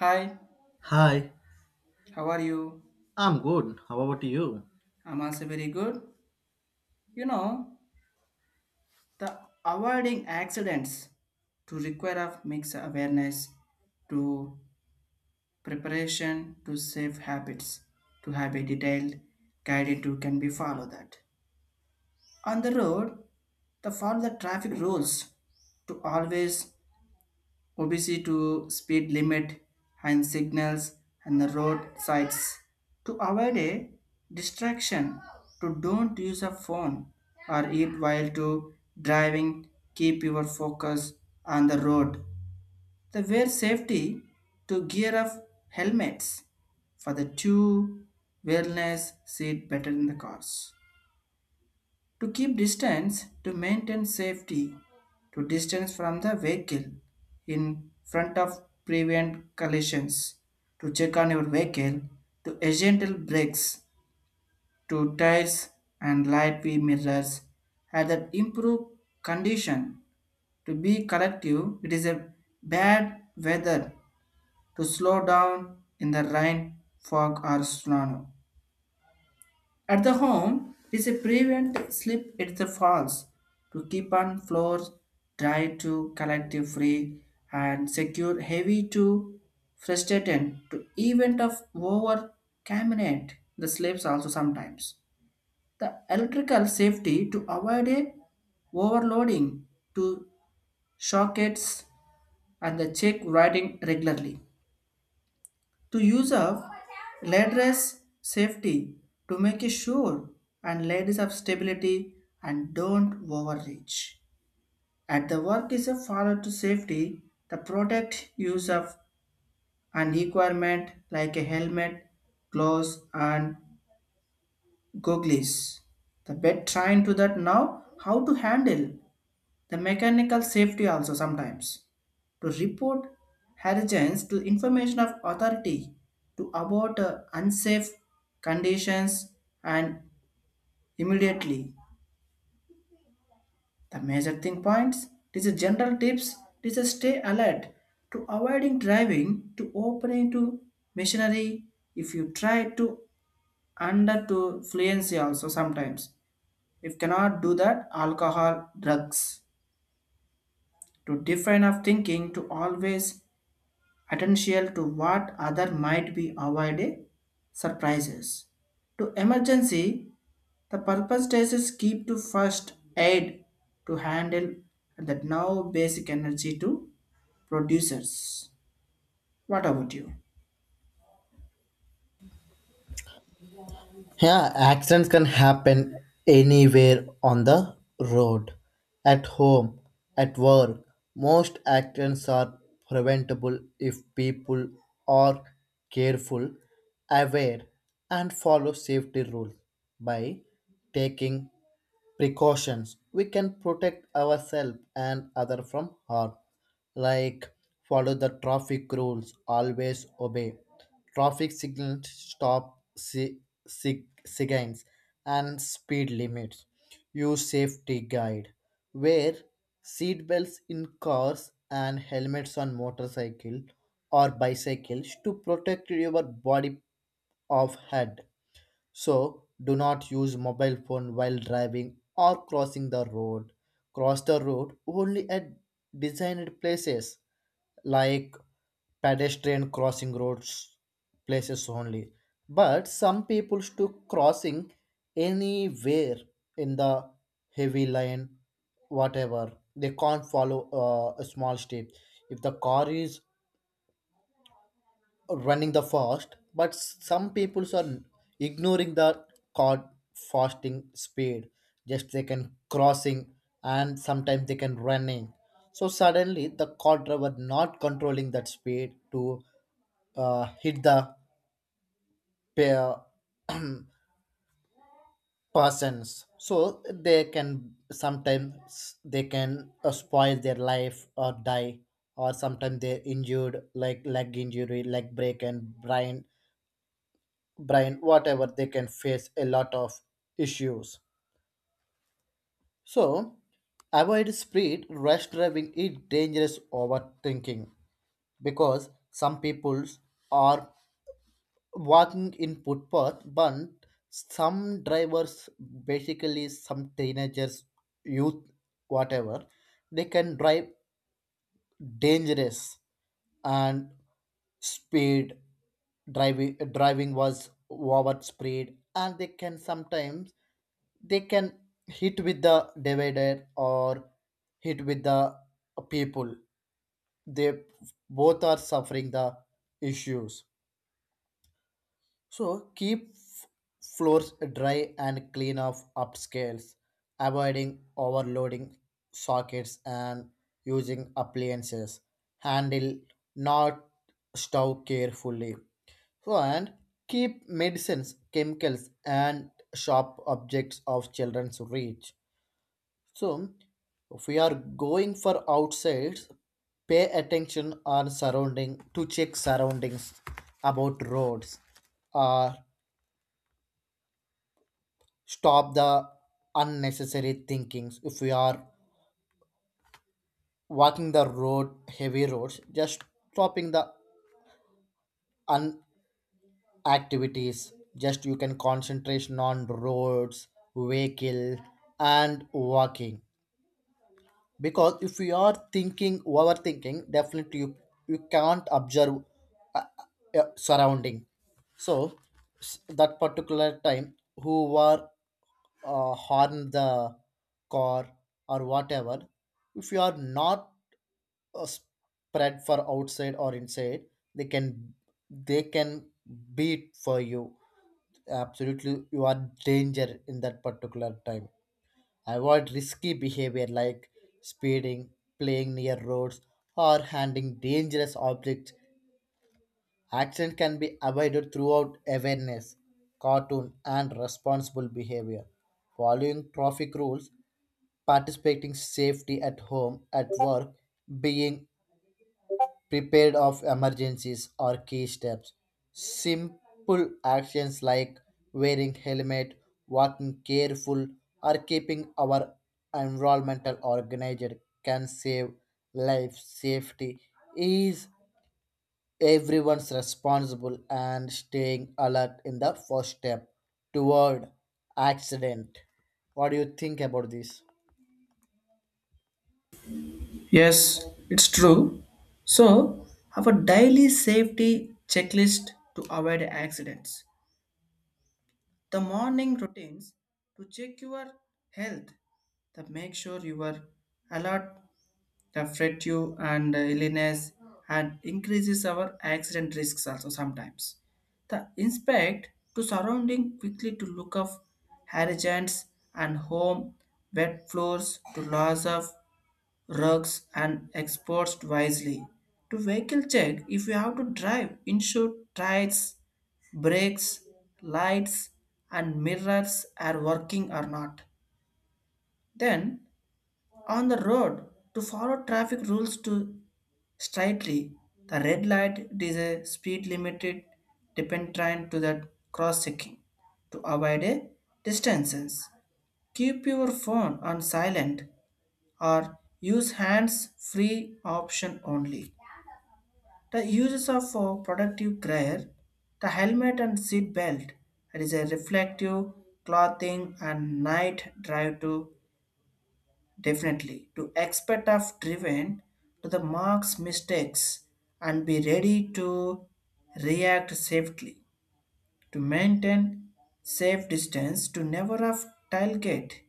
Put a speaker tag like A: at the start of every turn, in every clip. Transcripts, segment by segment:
A: Hi,
B: Hi,
A: how are you?
B: I'm good. How about you?
A: I'm also very good. You know, the avoiding accidents to require of mix awareness to preparation to safe habits to have a detailed guided to can be follow that. On the road, the follow the traffic rules to always obesity to speed limit and signals and the road sides to avoid a distraction to don't use a phone or eat while to driving, keep your focus on the road, the wear safety to gear up helmets for the two wellness seat better in the cars to keep distance to maintain safety, to distance from the vehicle in front of prevent collisions, to check on your vehicle to gentle brakes, to tires and light v mirrors had that improve condition to be collective. It is a bad weather to slow down in the rain, fog, or snow. At the home, it is a prevent slip at the falls to keep on floor dry to collective free and secure heavy to frustrated to event of over cabinet the slips also sometimes. The electrical safety to avoid a overloading to sockets and the check riding regularly to use of ladders safety to make it sure and ladies of stability and don't overreach. At the work is a follow to safety, the product use of an requirement like a helmet, gloves and goggles. The bed trying to that now how to handle the mechanical safety also sometimes to report hurricanes to information of authority to about unsafe conditions and immediately. The major thing points, this is a general tips, this is a stay alert to avoiding driving to opening to machinery if you try to under to fluency also sometimes. If cannot do that, alcohol, drugs. To define of thinking to always attention to what other might be avoided surprises. To emergency, the purpose is keep to first aid to handle the now basic energy to producers. What about you?
B: Yeah, accidents can happen anywhere on the road, at home, at work. Most accidents are preventable if people are careful, aware, and follow safety rules. By taking precautions we can protect ourselves and other from harm, like follow the traffic rules, always obey traffic signals, signs and speed limits, use safety guide, wear seat belts in cars and helmets on motorcycle or bicycles to protect your body of head. So do not use mobile phone while driving or crossing the road. Cross the road only at designed places like pedestrian crossing roads places only. But some people took crossing anywhere in the heavy line, whatever. They can't follow a small street. If the car is running the fast, but some people are ignoring the card fasting speed. Just they can crossing and sometimes they can running. So suddenly the car driver not controlling that speed to hit the pair persons. So they can sometimes they can spoil their life or die, or sometimes they're injured like leg injury, leg break, and brain whatever they can face a lot of issues. So avoid speed rush driving is dangerous overthinking, because some people are walking in footpath but some drivers, basically some teenagers, youth, whatever, they can drive dangerous and speed driving was over speed and they can sometimes they can hit with the divider or hit with the people. They both are suffering the issues. So floors dry and clean of upscales, avoiding overloading sockets and using appliances, handle not stove carefully. So and keep medicines, chemicals, and sharp objects of children's reach. So, if we are going for outsides, pay attention on surrounding to check surroundings about roads or stop the unnecessary thinkings. If we are walking the road, heavy roads, just stopping the un activities. Just you can concentration on roads, vehicle, and walking, because if you are thinking overthinking, definitely you can't observe uh, surrounding. So that particular time who were harm the car or whatever, if you are not spread for outside or inside, they can they can beat for you. Absolutely you are danger in that particular time. Avoid risky behavior like speeding, playing near roads, or handling dangerous objects. Accident can be avoided throughout awareness, cartoon, and responsible behavior. Following traffic rules, participating safety at home, at work, being prepared of emergencies or key steps. Simple actions like wearing helmet, walking careful, or keeping our environmental organized can save life. Safety is everyone's responsible and staying alert in the first step toward accident. What do you think about this?
A: Yes, it's true. So, have a daily safety checklist to avoid accidents. The morning routines to check your health, to make sure you are alert, the fatigue and illness and increases our accident risks also sometimes. The inspect to surrounding quickly to look of hurricanes and home wet floors to loss of rugs and exposed wisely. To vehicle check if you have to drive, ensure tires, brakes, lights and mirrors are working or not. Then on the road to follow traffic rules to strictly. The red light it is a speed limited depend trying to that cross checking to avoid a distances. Keep your phone on silent or use hands free option only. The uses of productive gear, the helmet and seat belt. It is a reflective clothing and night drive to definitely, to expect of driven to the mark's mistakes and be ready to react safely, to maintain safe distance, to never have tailgate,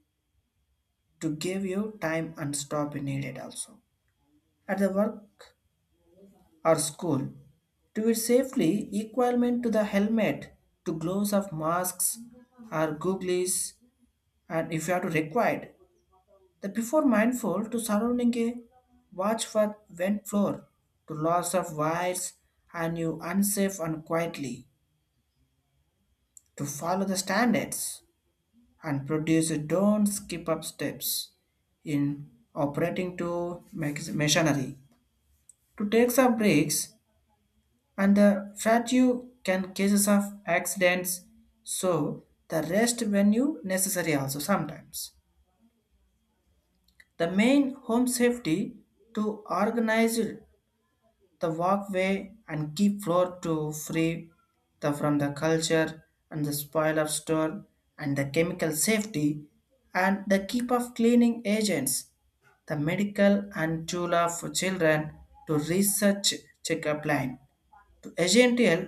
A: to give you time and stop if needed also. At the work or school, to be safely equivalent to the helmet, to gloves of masks or goggles, and if you are to required, the before mindful to surrounding a watch for went floor to loss of wires and you unsafe and quietly to follow the standards and produce a don't skip up steps in operating to machinery to take some breaks and the fat you can cases of accidents, so the rest when you necessary also sometimes. The main home safety to organize the walkway and keep floor to free the from the culture and the spoiler store and the chemical safety and the keep of cleaning agents the medical and tula for children to research checkup line to agential.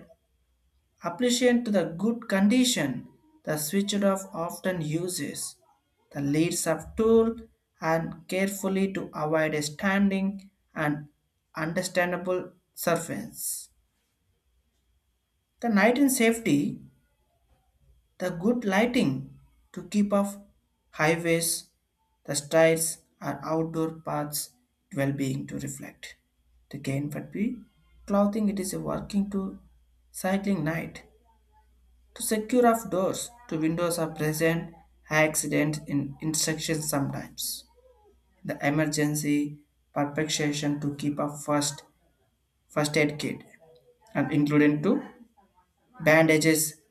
A: Appreciate the good condition, the switched off often uses, the leads of tool and carefully to avoid a standing and understandable surface. The night in safety, the good lighting to keep off highways, the strides or outdoor paths well-being to reflect. The gain would be clothing it is a working to cycling night. To secure off doors to windows are present high accident in instructions sometimes. The emergency perpetration to keep a first aid kit and including to bandages,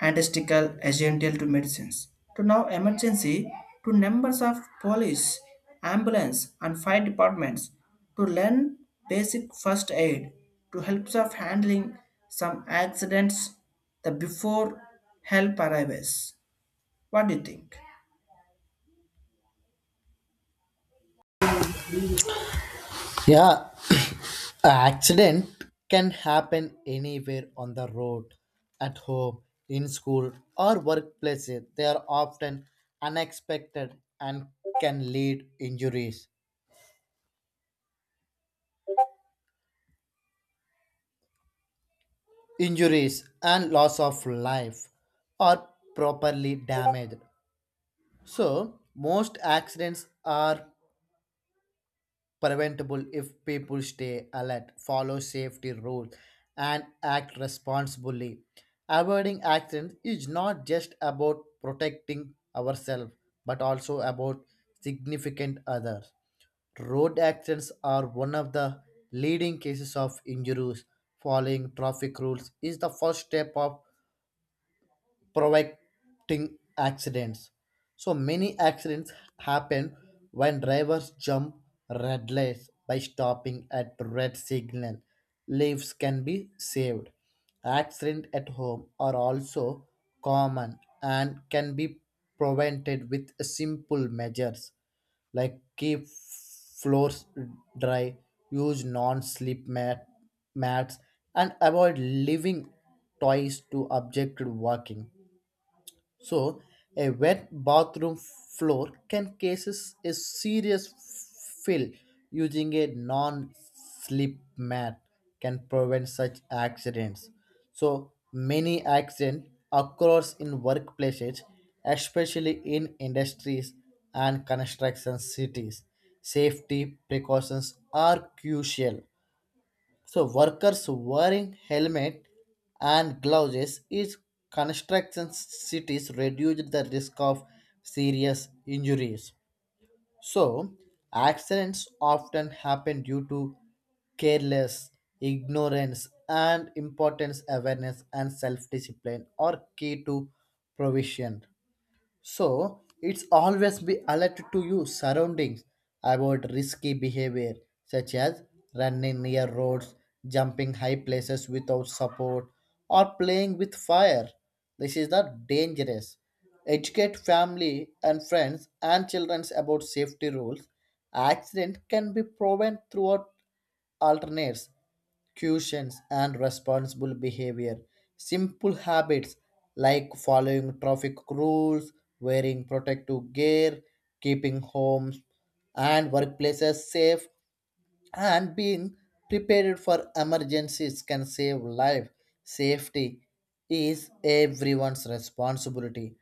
A: antisticcal, essential to medicines. To now emergency to numbers of police, ambulance and fire departments to learn basic first aid to helps of handling some accidents the before help arrives. What do you think?
B: Yeah, an accident can happen anywhere on the road, at home, in school, or workplaces. They are often unexpected and can lead injuries, and loss of life or properly damaged. So, most accidents are preventable if people stay alert, follow safety rules, and act responsibly. Avoiding accidents is not just about protecting ourselves but also about significant others. Road accidents are one of the leading cases of injuries. Following traffic rules is the first step of preventing accidents. So many accidents happen when drivers jump red lights. By stopping at red signal, lives can be saved. Accidents at home are also common and can be prevented with simple measures like keep floors dry, use non-slip mat mats, and avoid leaving toys to objected walking. So, a wet bathroom floor can causes a serious fill. Using a non-slip mat can prevent such accidents. So, many accidents occurs in workplaces, especially in industries and construction cities. Safety precautions are crucial, so workers wearing helmet and gloves is construction cities reduce the risk of serious injuries. So accidents often happen due to careless ignorance and importance awareness and self-discipline are key to provision. So it's always be alert to your surroundings about risky behavior such as running near roads, jumping high places without support, or playing with fire. This is not dangerous. Educate family and friends and children about safety rules. Accident can be proven throughout alternates, cautions, and responsible behavior. Simple habits like following traffic rules, wearing protective gear, keeping homes and workplaces safe, and being prepared for emergencies can save life. Safety is everyone's responsibility.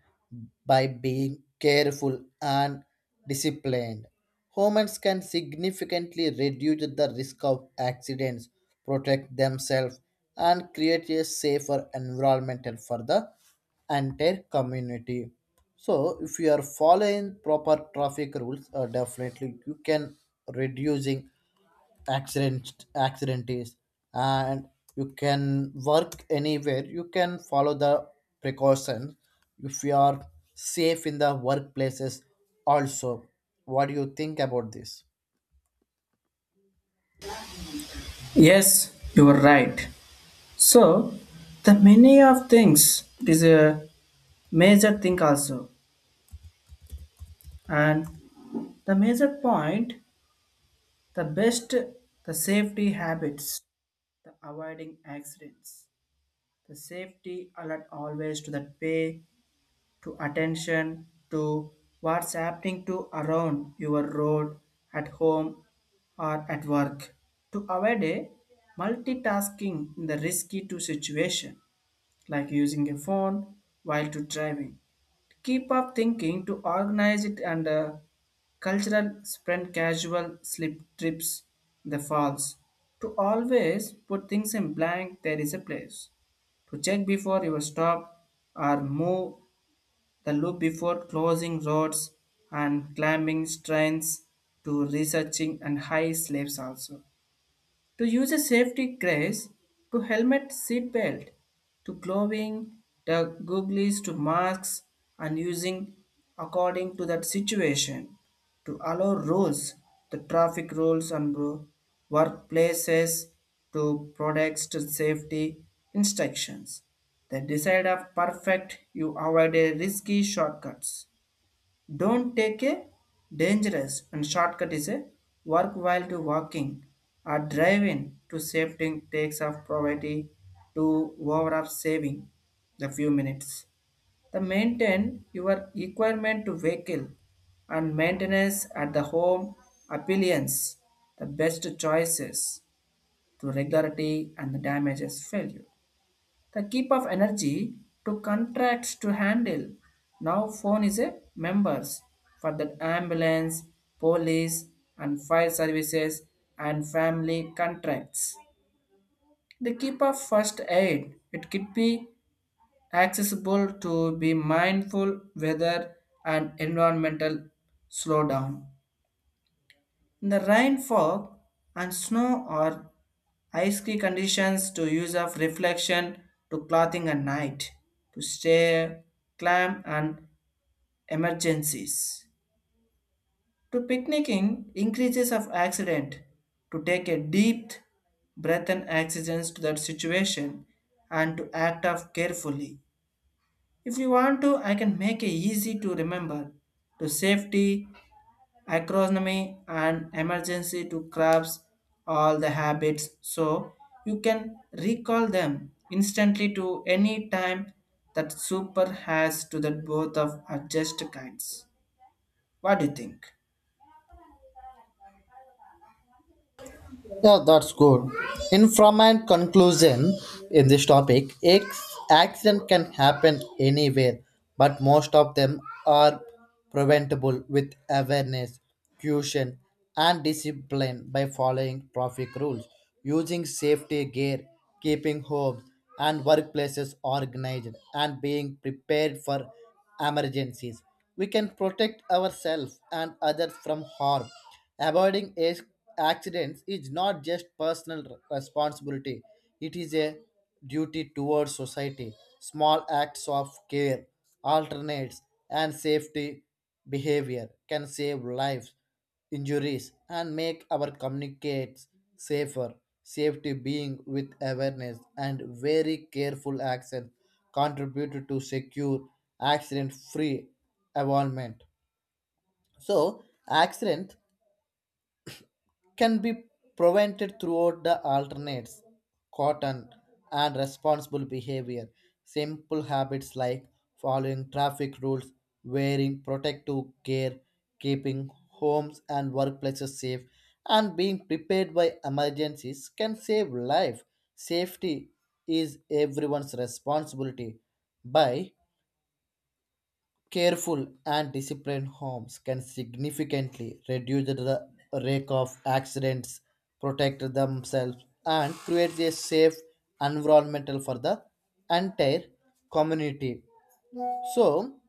B: By being careful and disciplined, humans can significantly reduce the risk of accidents, protect themselves, and create a safer environment for the entire community. So if you are following proper traffic rules, definitely you can reducing accident is. And you can work anywhere, you can follow the precautions if you are safe in the workplaces also. What do you think about this?
A: Yes, you are right. So, the many of things is a major thing also, and the major point, the best, the safety habits, the avoiding accidents, the safety alert always to the pay to attention to what's happening to around your road at home or at work to avoid a multitasking in the risky to situation like using a phone while to driving. Keep up thinking to organize it and cultural sprint casual slip trips in the falls. To always put things in blank there is a place. To check before you stop or move the loop before closing roads and climbing strains to researching and high slaves also to use a safety grace to helmet seat belt to clothing the goggles to masks and using according to that situation to allow rules the traffic rules and workplaces to products to safety instructions the decide of perfect you avoid a risky shortcuts don't take a dangerous and shortcut is a work while to walking or driving to safety takes of poverty to over of saving the few minutes. The maintain your requirement to vehicle and maintenance at the home appliance the best choices to regularity and the damages failure. The keep of energy to contracts to handle. Now phone is a members for the ambulance, police and fire services and family contracts. The keep of first aid. It could be accessible to be mindful weather and environmental slowdown. The rain, fog, and snow are icy conditions to use of reflection to clothing at night, to stay clam and emergencies. To picnicking increases of accident, to take a deep breath and accidents to that situation and to act of carefully. If you want to, I can make it easy to remember to safety, acronym, and emergency to crabs, all the habits so you can recall them instantly to any time that super has to the both of adjust kinds. What do you think?
B: Yeah, that's good. In from and conclusion in this topic, accident can happen anywhere, but most of them are preventable with awareness, caution, and discipline. By following traffic rules, using safety gear, keeping homes and workplaces organized, and being prepared for emergencies, we can protect ourselves and others from harm. Avoiding ac- accidents is not just personal responsibility, it is a duty towards society. Small acts of care, alternates, and safety behavior can save lives injuries and make our communicates safer. Safety being with awareness and very careful action contribute to secure accident free environment. So accident can be prevented throughout the alternates, cotton, and responsible behavior. Simple habits like following traffic rules, wearing protective gear, keeping homes and workplaces safe, and being prepared by emergencies can save life. Safety is everyone's responsibility. By careful and disciplined, homes can significantly reduce the rate of accidents, protect themselves, and create a safe environment for the entire community. So,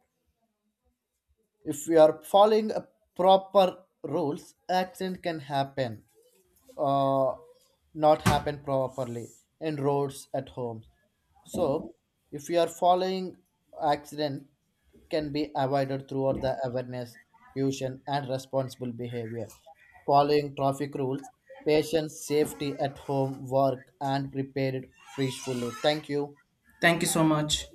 B: if we are following a proper rules, accident can happen, uh, not happen properly in roads at home. So, if you are following, accident can be avoided through the awareness, caution, and responsible behavior. Following traffic rules, patience, safety at home, work, and prepared peacefully. Thank you.
A: Thank you so much.